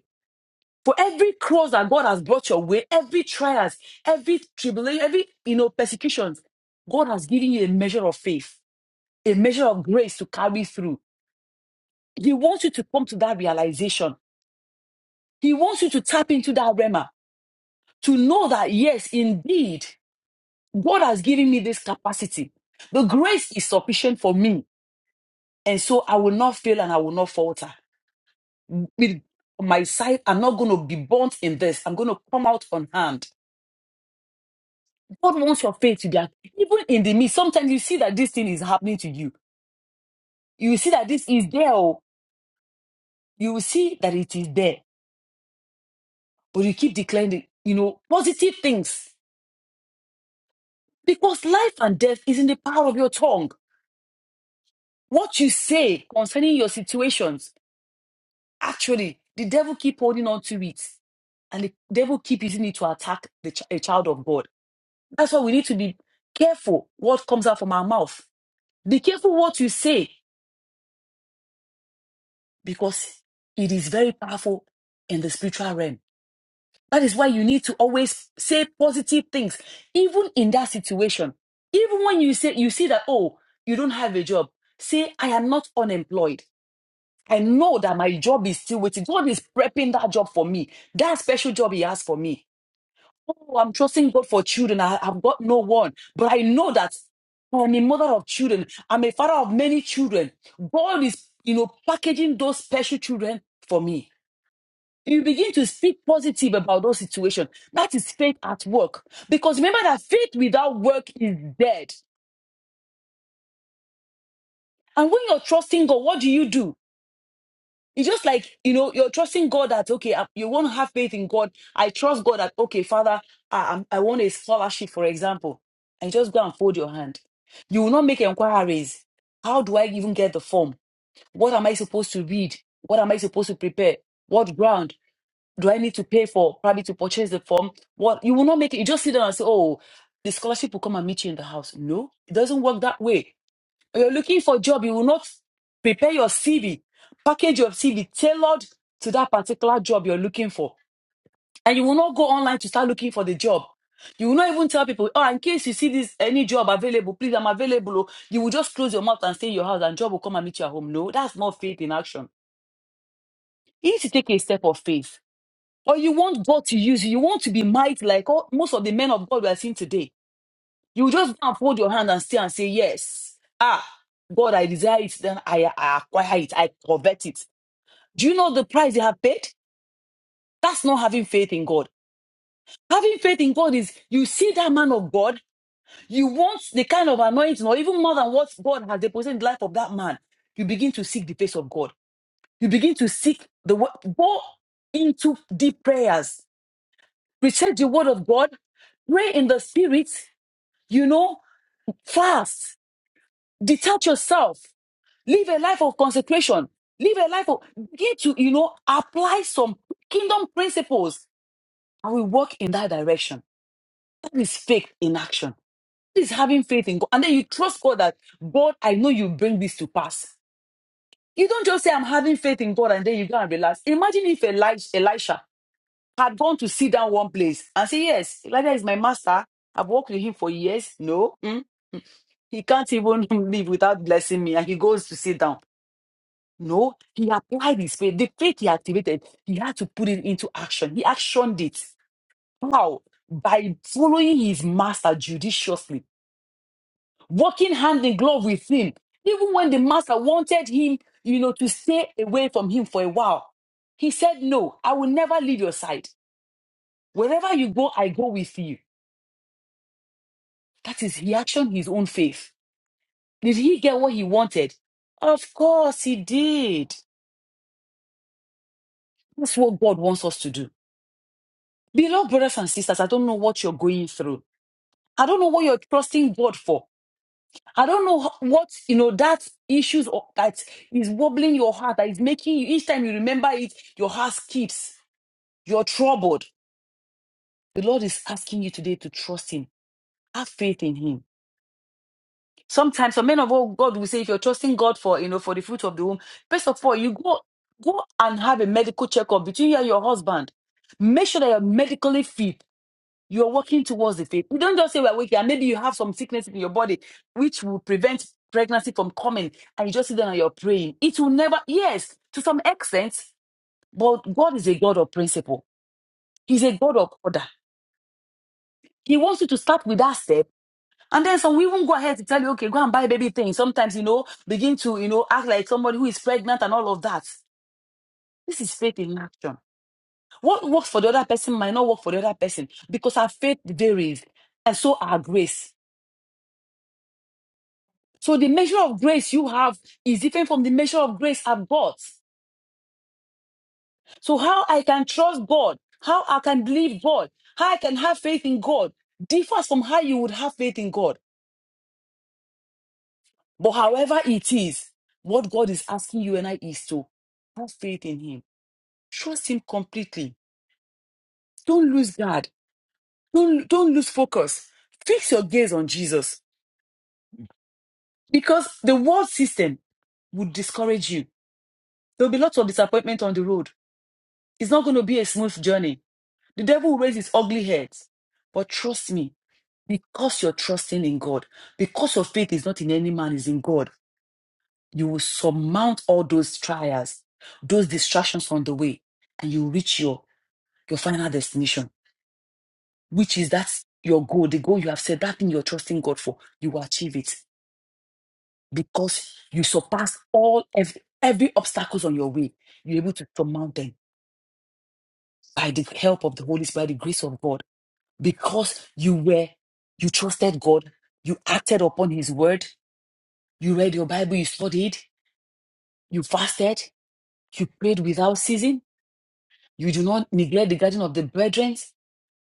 [SPEAKER 8] For every cross that God has brought your way, every trials, every tribulation, every you know persecutions, God has given you a measure of faith, a measure of grace to carry through. He wants you to come to that realization. He wants you to tap into that rema to know that yes, indeed, God has given me this capacity. The grace is sufficient for me, and so I will not fail and I will not falter. With my side, I'm not going to be burnt in this. I'm going to come out on hand. God wants your faith to be act- even in the midst. Sometimes you see that this thing is happening to you. You will see that this is there. oh. You will see that it is there, but you keep declaring, the, you know, positive things because life and death is in the power of your tongue. What you say concerning your situations, actually, the devil keep holding on to it, and the devil keep using it to attack the ch- a child of God. That's why we need to be careful what comes out from our mouth. Be careful what you say because it is very powerful in the spiritual realm. That is why you need to always say positive things, even in that situation. Even when you say you see that, oh, you don't have a job, say, I am not unemployed. I know that my job is still waiting. God is prepping that job for me, that special job He has for me. Oh, I'm trusting God for children. I, have got no one, but I know that I'm a mother of children. I'm a father of many children. God is, you know, packaging those special children for me. You begin to speak positive about those situations. That is faith at work. Because remember that faith without work is dead. And when you're trusting God, what do you do? It's just like, you know, you're trusting God that, okay, I- you want to have faith in God. I trust God that, okay, Father, I, I'm- I want a scholarship, for example. And you just go and fold your hand. You will not make inquiries. How do I even get the form? What am I supposed to read? What am I supposed to prepare? What ground? do I need to pay for probably to purchase the form? What you will not make it. You just sit down and say, oh, the scholarship will come and meet you in the house. No, it doesn't work that way. When you're looking for a job, you will not prepare your CV, package your CV tailored to that particular job you're looking for. And you will not go online to start looking for the job. You will not even tell people, oh, in case you see this any job available, please, I'm available. oh." You will just close your mouth and stay in your house and job will come and meet you at home. No, that's not faith in action. You need to take a step of faith or you want God to use you. You want to be mighty like all, most of the men of God we are seeing today. You just go and fold your hand and stay and say, Yes. Ah, God, I desire it. Then I, I acquire it. I covet it. Do you know the price they have paid? That's not having faith in God. Having faith in God is you see that man of God, you want the kind of anointing or even more than what God has deposited in the life of that man. You begin to seek the face of God. You begin to seek the wo- go into deep prayers recite the word of God, pray in the spirit, you know, fast, detach yourself, live a life of consecration, live a life of get to, you know, apply some kingdom principles and we walk in that direction. That is faith in action. That is having faith in God. And then you trust God that God, I know you bring this to pass. You don't just say, I'm having faith in God, and then you go and relax. Imagine if Elisha, Elisha had gone to sit down one place and say, Yes, Elijah is my master. I've worked with him for years. No, mm, he can't even live without blessing me. And he goes to sit down. No, he applied his faith. The faith he activated, he had to put it into action. He actioned it. How? By following his master judiciously, working hand in glove with him. Even when the master wanted him, you know, to stay away from him for a while, he said, No, I will never leave your side. Wherever you go, I go with you. That is, he actioned his own faith. Did he get what he wanted? Of course he did. That's what God wants us to do. Beloved brothers and sisters, I don't know what you're going through. I don't know what you're trusting God for. I don't know ho- what, you know, that issues or that is wobbling your heart, that is making you, each time you remember it, your heart skips. You're troubled. The Lord is asking you today to trust Him. Have faith in Him Sometimes some men of all God will say, if you're trusting God for, you know, for the fruit of the womb, first of all, you go go and have a medical checkup between you and your husband. Make sure that you're medically fit. You're working towards the faith. You don't just say we're weak, and maybe you have some sickness in your body which will prevent pregnancy from coming, and you just sit down and you're praying. It will never, yes, to some extent, but God is a God of principle. He's a God of order. He wants you to start with that step And then some will even go ahead to tell you, okay, go and buy baby things. Sometimes, you know, begin to, you know, act like somebody who is pregnant and all of that. This is faith in action. What works for the other person might not work for the other person because our faith varies and so our grace. So the measure of grace you have is different from the measure of grace I've got. So how I can trust God, how I can believe God, how I can have faith in God differs from how you would have faith in God. But however it is, what God is asking you and I is to have faith in Him. Trust Him completely. Don't lose guard. Don't, don't lose focus. Fix your gaze on Jesus because the world system would discourage you. There'll be lots of disappointment on the road. It's not going to be a smooth journey. The devil will raise his ugly head. But trust me, because you're trusting in God, because your faith is not in any man, is in God. You will surmount all those trials, those distractions on the way, and you reach your, your final destination, which is that your goal, the goal you have said, that thing you're trusting God for, you will achieve it because you surpass all every, every obstacles on your way. You're able to surmount them by the help of the Holy Spirit, by the grace of God, because you were, you trusted God, you acted upon His word, you read your Bible, you studied, you fasted, you prayed without ceasing, You do not neglect the guardian of the brethren.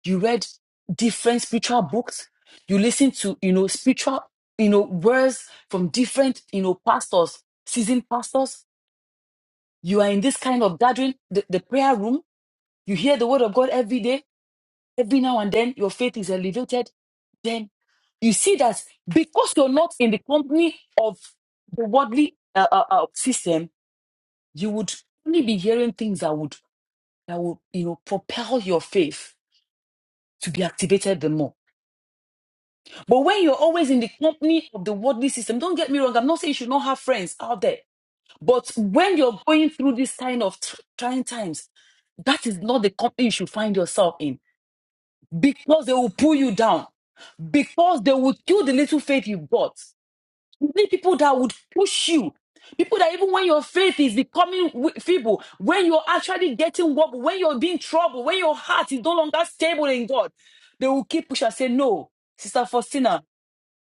[SPEAKER 8] You read different spiritual books. You listen to, you know, spiritual, you know, words from different, you know, pastors, seasoned pastors. You are in this kind of gathering, the, the prayer room. You hear the word of God every day. Every now and then, your faith is elevated. Then you see that because you're not in the company of the worldly uh, uh, uh, system, you would only be hearing things that would that would you know propel your faith. to be activated the more. But when you're always in the company of the worldly system, don't get me wrong, I'm not saying you should not have friends out there. But when you're going through this kind of tr- trying times, that is not the company you should find yourself in because they will pull you down, because they will kill the little faith you've got. You need people that would push you. People that even when your faith is becoming wi- feeble, when you're actually getting what, when you're being troubled, when your heart is no longer stable in God, they will keep pushing and say, No, Sister Faustina,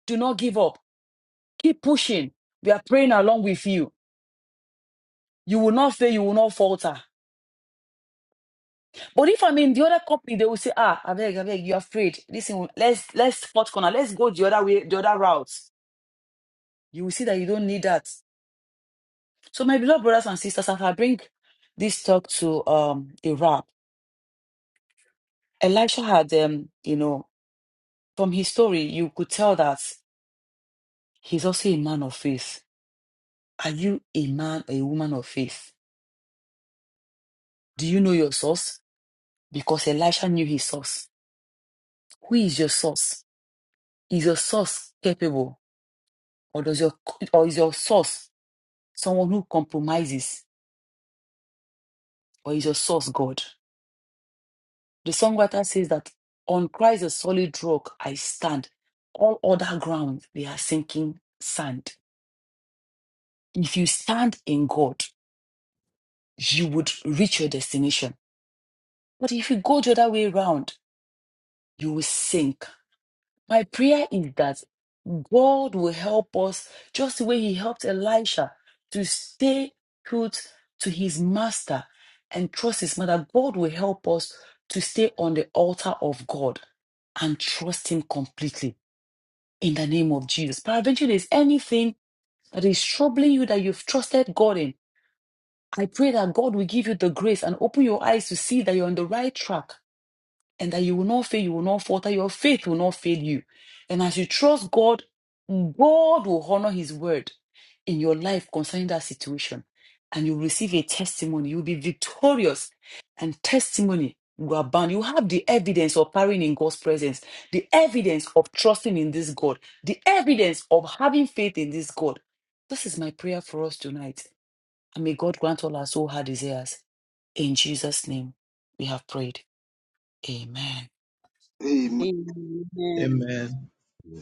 [SPEAKER 8] do not give up. Keep pushing. We are praying along with you. You will not fail, you will not falter. But if I'm in the other company, they will say, Ah, I beg, I beg, you're afraid. Listen, let's let's spot corner, let's go the other way, the other route. You will see that you don't need that. So, my beloved brothers and sisters, as I bring this talk to um, a wrap, Elisha had, um, you know, from his story, you could tell that he's also a man of faith. Are you a man or a woman of faith? Do you know your source? Because Elisha knew his source. Who is your source? Is your source capable, or does your or is your source someone who compromises, or is your source God? The songwriter says that on Christ, the solid rock, I stand. All other ground, they are sinking sand. If you stand in God, you would reach your destination. But if you go the other way around, you will sink. My prayer is that God will help us just the way He helped Elisha to stay put to his master and trust his mother. God will help us to stay on the altar of God and trust Him completely in the name of Jesus. Paraventure, there's anything that is troubling you that you've trusted God in. I pray that God will give you the grace and open your eyes to see that you're on the right track and that you will not fail, you will not falter, your faith will not fail you. And as you trust God, God will honor his word in your life concerning that situation. And you'll receive a testimony. You'll be victorious. And testimony will abound. You have the evidence of powering in God's presence, the evidence of trusting in this God, the evidence of having faith in this God. This is my prayer for us tonight. And may God grant all our soul hard desires. In Jesus' name, we have prayed. Amen.
[SPEAKER 2] Amen.
[SPEAKER 1] Amen.
[SPEAKER 9] Amen.
[SPEAKER 10] Yeah.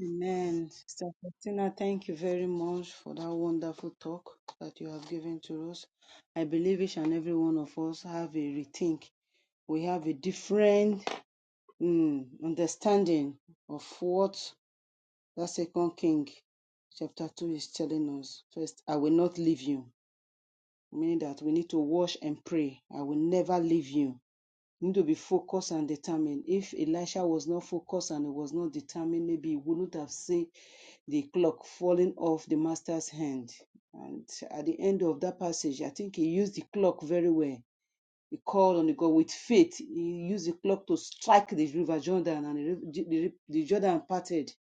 [SPEAKER 1] Amen. Sister Faustina, thank you very much for that wonderful talk that you have given to us. I believe each and every one of us have a rethink. We have a different mm, understanding of what that second king chapter 2 is telling us first i will not leave you meaning that we need to wash and pray i will never leave you you need to be focused and determined if elisha was not focused and he was not determined maybe he wouldn't have seen the clock falling off the master's hand and at the end of that passage i think he used the clock very well he called on the God with faith. He used the clock to strike the river Jordan, and the, the, the Jordan parted.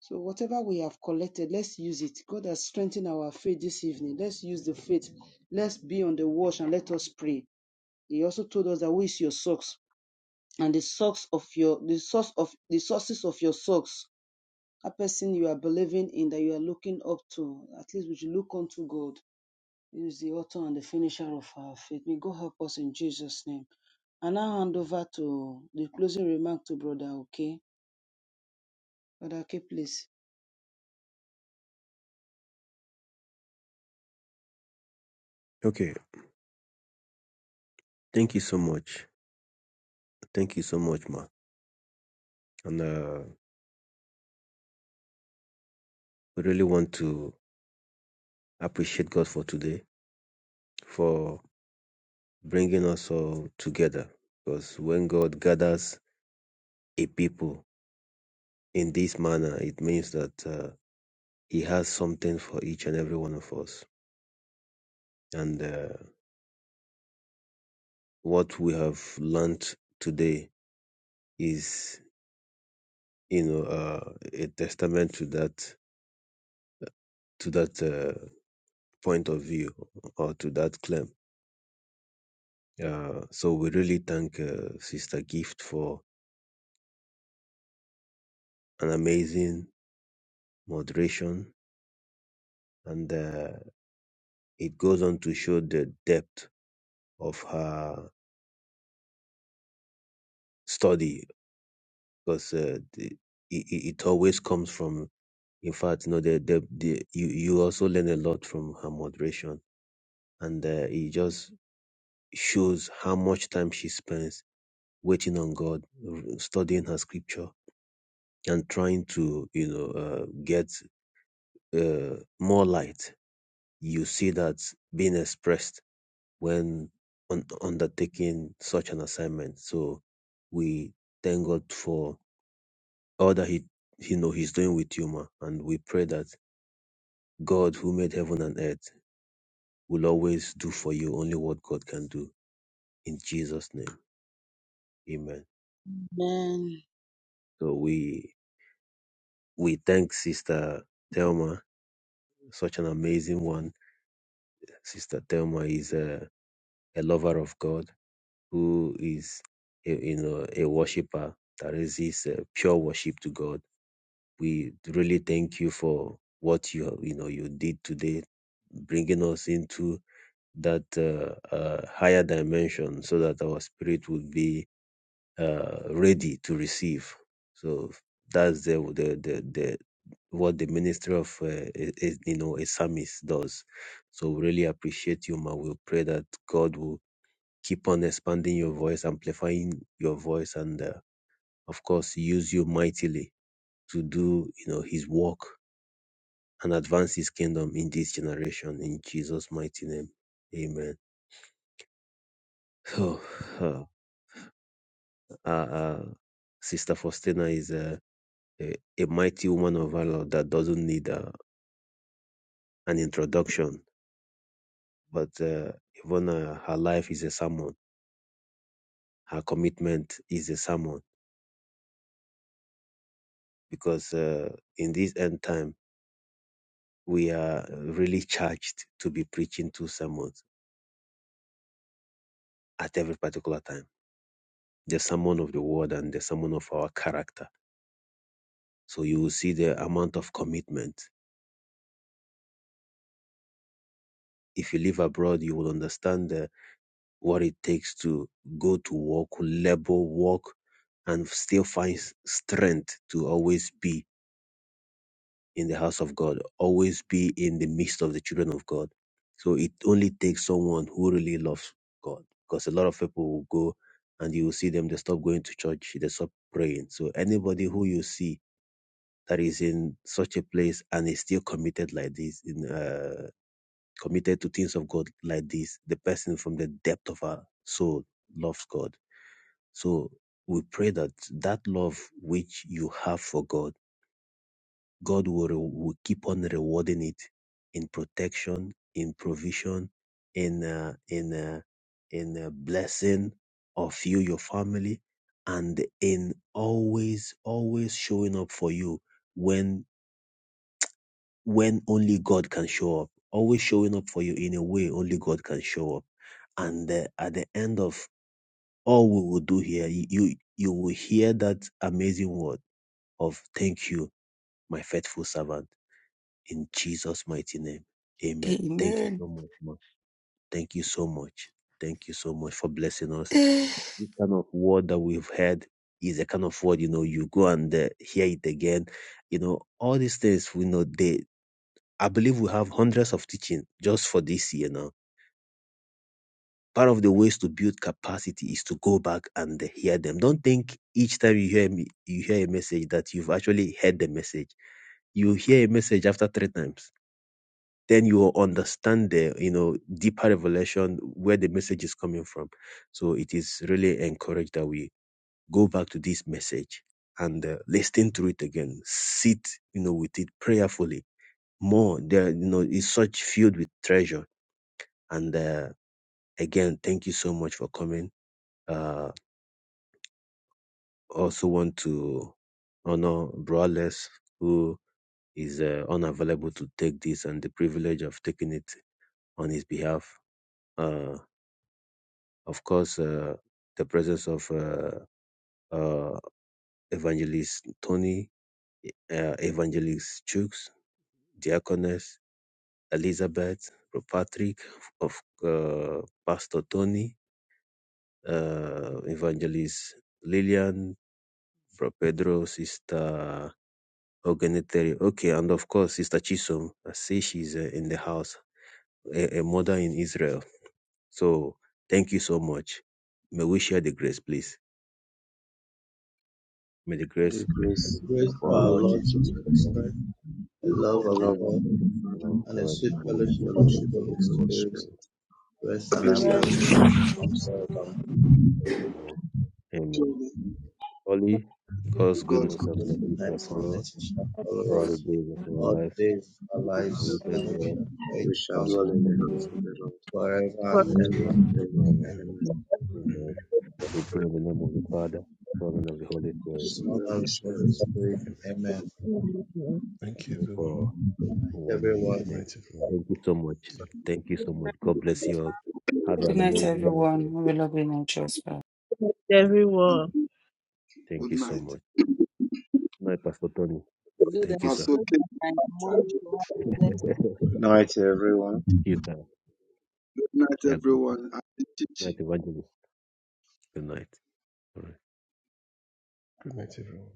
[SPEAKER 1] So, whatever we have collected, let's use it. God has strengthened our faith this evening. Let's use the faith. Let's be on the watch and let us pray. He also told us that who is your socks and the socks of your the source of the sources of your socks. A person you are believing in that you are looking up to. At least we should look unto God. He is the author and the finisher of our faith. May God help us in Jesus' name. I now hand over to the closing remark to Brother Okay. Brother Okay, please.
[SPEAKER 10] Okay, thank you so much. Thank you so much, ma. And uh, we really want to appreciate God for today, for bringing us all together. Because when God gathers a people in this manner, it means that uh, He has something for each and every one of us. And uh, what we have learned today is, you know, uh, a testament to that to that uh, point of view or to that claim Uh, so we really thank uh, Sister Gift for an amazing moderation, and uh, it goes on to show the depth of her study because uh, the, it, it it always comes from. In fact, you know, the, the, the you you also learn a lot from her moderation, and uh, it just shows how much time she spends waiting on God, r- studying her scripture, and trying to you know uh, get uh, more light You see that being expressed when un- undertaking such an assignment. So we thank God for all that He He know He's doing with you, ma, and we pray that God, who made heaven and earth, will always do for you only what God can do. In Jesus' name, Amen.
[SPEAKER 1] Amen.
[SPEAKER 10] So we we thank Sister Thelma, such an amazing one. Sister Thelma is a, a lover of God who is a, you know a worshiper that resists uh, pure worship to God. We really thank you for what you you know you did today, bringing us into that uh, uh, higher dimension, so that our spirit would be uh, ready to receive. So that's the the the, the what the ministry of uh, is, you know a psalmist does. So we really appreciate you, man. We pray that God will keep on expanding your voice, amplifying your voice, and uh, of course, use you mightily to do, you know, His work and advance His kingdom in this generation. In Jesus' mighty name, Amen. So, uh, uh, uh, Sister Faustina is a, a, a mighty woman of valor that doesn't need uh, an introduction, but uh, even uh, her life is a sermon. Her commitment is a sermon because uh, in this end time we are really charged to be preaching two sermons at every particular time the sermon of the word and the sermon of our character. So you will see the amount of commitment. If you live abroad, you will understand the, what it takes to go to work, labor, work, and still find s- strength to always be in the house of God, always be in the midst of the children of God. So it only takes someone who really loves God because a lot of people will go and you will see them, they stop going to church, they stop praying. So anybody who you see that is in such a place and is still committed like this, in, uh, committed to things of God like this, the person from the depth of our soul loves God. So we pray that that love which you have for God God will, re- will keep on rewarding it in protection, in provision, in uh, in uh, in uh, blessing of you, your family, and in always always showing up for you when when only God can show up. Always showing up for you in a way only God can show up. And uh, at the end of all we will do here, you you will hear that amazing word of thank you, my faithful servant in Jesus' mighty name. Amen. Thank you
[SPEAKER 8] Amen.
[SPEAKER 10] so much, man. Thank you so much. Thank you so much for blessing us.
[SPEAKER 8] Good
[SPEAKER 10] This kind of word that we've heard is a kind of word, you know, you go and uh, hear it again. You know, all these things, we know they, I believe we have hundreds of teaching just for this year now. Part of the ways to build capacity is to go back and uh, hear them. Don't think each time you hear me, you hear a message that you've actually heard the message. You hear a message after three times then you will understand the you know deeper revelation where the message is coming from so it is really encouraged that we go back to this message and uh, listen to it again sit you know with it prayerfully more there you know is such filled with treasure and uh, again thank you so much for coming uh also want to honor Brawless who is uh, unavailable to take this and the privilege of taking it on his behalf Uh, of course, uh, the presence of uh, uh, Evangelist Tony, uh, Evangelist Chooks, Diaconess Elizabeth, Patrick, of uh, Pastor Tony, uh, Evangelist Lillian, Bro Pedro, Sister Ogeneteri, okay, and of course, Sister Chisom. I see she's uh, in the house, a, a mother in Israel. So thank you so much. May we share the grace, please. May the
[SPEAKER 11] May
[SPEAKER 10] grace.
[SPEAKER 11] the
[SPEAKER 9] And the
[SPEAKER 11] grace
[SPEAKER 9] grace
[SPEAKER 11] of
[SPEAKER 9] of
[SPEAKER 10] Before
[SPEAKER 11] our
[SPEAKER 10] our
[SPEAKER 9] our
[SPEAKER 11] Lord
[SPEAKER 10] Lord
[SPEAKER 9] Lord
[SPEAKER 11] Jesus
[SPEAKER 10] Jesus
[SPEAKER 9] Jesus
[SPEAKER 10] Christ,
[SPEAKER 11] Christ,
[SPEAKER 9] Christ, the love
[SPEAKER 2] for
[SPEAKER 11] the
[SPEAKER 9] of
[SPEAKER 2] God,
[SPEAKER 11] love
[SPEAKER 1] The
[SPEAKER 11] of
[SPEAKER 9] God,
[SPEAKER 11] God the
[SPEAKER 10] the
[SPEAKER 11] Father,
[SPEAKER 10] love of
[SPEAKER 9] and the
[SPEAKER 10] God,
[SPEAKER 9] sweet
[SPEAKER 10] and the
[SPEAKER 11] the
[SPEAKER 9] fellowship
[SPEAKER 10] sweet
[SPEAKER 9] of
[SPEAKER 1] Lord
[SPEAKER 9] the
[SPEAKER 11] fellowship
[SPEAKER 10] fellowship
[SPEAKER 11] of the
[SPEAKER 9] Holy
[SPEAKER 10] of the
[SPEAKER 11] Holy
[SPEAKER 10] Holy
[SPEAKER 9] Spirit
[SPEAKER 11] Spirit
[SPEAKER 10] Spirit,
[SPEAKER 9] rest and
[SPEAKER 2] be
[SPEAKER 10] be
[SPEAKER 11] rest
[SPEAKER 2] with
[SPEAKER 11] and
[SPEAKER 9] abide
[SPEAKER 1] bless
[SPEAKER 2] us.
[SPEAKER 10] with
[SPEAKER 9] with
[SPEAKER 10] you
[SPEAKER 9] us
[SPEAKER 11] abide
[SPEAKER 9] now
[SPEAKER 11] with
[SPEAKER 9] and
[SPEAKER 11] us now
[SPEAKER 9] forevermore.
[SPEAKER 11] and
[SPEAKER 10] forevermore.
[SPEAKER 11] forevermore.
[SPEAKER 10] Amen.
[SPEAKER 2] Surely
[SPEAKER 10] Holy, God's
[SPEAKER 2] God's
[SPEAKER 10] goodness and
[SPEAKER 9] His
[SPEAKER 10] mercy shall
[SPEAKER 9] goodness and
[SPEAKER 10] follow us
[SPEAKER 9] mercy shall follow
[SPEAKER 10] all the
[SPEAKER 9] us
[SPEAKER 10] days of our
[SPEAKER 9] all
[SPEAKER 10] life,
[SPEAKER 9] the days of our
[SPEAKER 10] and we
[SPEAKER 9] lives,
[SPEAKER 10] shall
[SPEAKER 9] and we
[SPEAKER 10] dwell
[SPEAKER 9] shall pray in
[SPEAKER 11] We
[SPEAKER 9] the
[SPEAKER 11] shall
[SPEAKER 10] in
[SPEAKER 9] house
[SPEAKER 10] the
[SPEAKER 9] of
[SPEAKER 11] dwell in
[SPEAKER 10] house
[SPEAKER 11] the
[SPEAKER 10] of the
[SPEAKER 9] the
[SPEAKER 11] house
[SPEAKER 10] Lord.
[SPEAKER 11] of the Lord
[SPEAKER 9] Lord forever
[SPEAKER 12] for
[SPEAKER 9] and
[SPEAKER 1] you.
[SPEAKER 11] forever
[SPEAKER 9] ever.
[SPEAKER 10] forever
[SPEAKER 11] and
[SPEAKER 10] and
[SPEAKER 9] Amen.
[SPEAKER 13] Yeah,
[SPEAKER 11] ever.
[SPEAKER 10] ever.
[SPEAKER 11] Amen.
[SPEAKER 10] Amen.
[SPEAKER 13] amen.
[SPEAKER 10] We pray in the name of the Father, Son, and of the Holy Spirit.
[SPEAKER 11] So,
[SPEAKER 13] So,
[SPEAKER 9] Son of
[SPEAKER 11] Holy
[SPEAKER 9] the Holy
[SPEAKER 11] Spirit.
[SPEAKER 10] Amen.
[SPEAKER 9] Spirit.
[SPEAKER 13] amen.
[SPEAKER 9] Amen.
[SPEAKER 13] Thank you,
[SPEAKER 10] And
[SPEAKER 13] everyone.
[SPEAKER 10] for
[SPEAKER 9] Good night,
[SPEAKER 10] one minute
[SPEAKER 9] everyone.
[SPEAKER 13] Good
[SPEAKER 10] left.
[SPEAKER 13] night, everyone.
[SPEAKER 10] Thank you so much.
[SPEAKER 13] Thank you.
[SPEAKER 10] Thank you so much. God bless you all. Have an
[SPEAKER 8] night,
[SPEAKER 2] good.
[SPEAKER 10] amazing night.
[SPEAKER 8] everyone.
[SPEAKER 10] rest.
[SPEAKER 8] We love you and trust. Bye.
[SPEAKER 2] Good
[SPEAKER 12] everyone.
[SPEAKER 10] Thank
[SPEAKER 2] good
[SPEAKER 10] you so much.
[SPEAKER 2] night.
[SPEAKER 10] Night, Pastor Tony.
[SPEAKER 1] Do that.
[SPEAKER 10] Thank you, sir.
[SPEAKER 2] Pastor
[SPEAKER 1] Do
[SPEAKER 2] King.
[SPEAKER 1] that. I want to have a blessed
[SPEAKER 11] Good
[SPEAKER 10] Thank
[SPEAKER 11] night, everyone.
[SPEAKER 10] you, sir.
[SPEAKER 2] Good night,
[SPEAKER 10] Yeah, good
[SPEAKER 2] everyone. And
[SPEAKER 10] night,
[SPEAKER 2] Chichi.
[SPEAKER 10] Evangelist. Good night. All right.
[SPEAKER 13] Good night, everyone.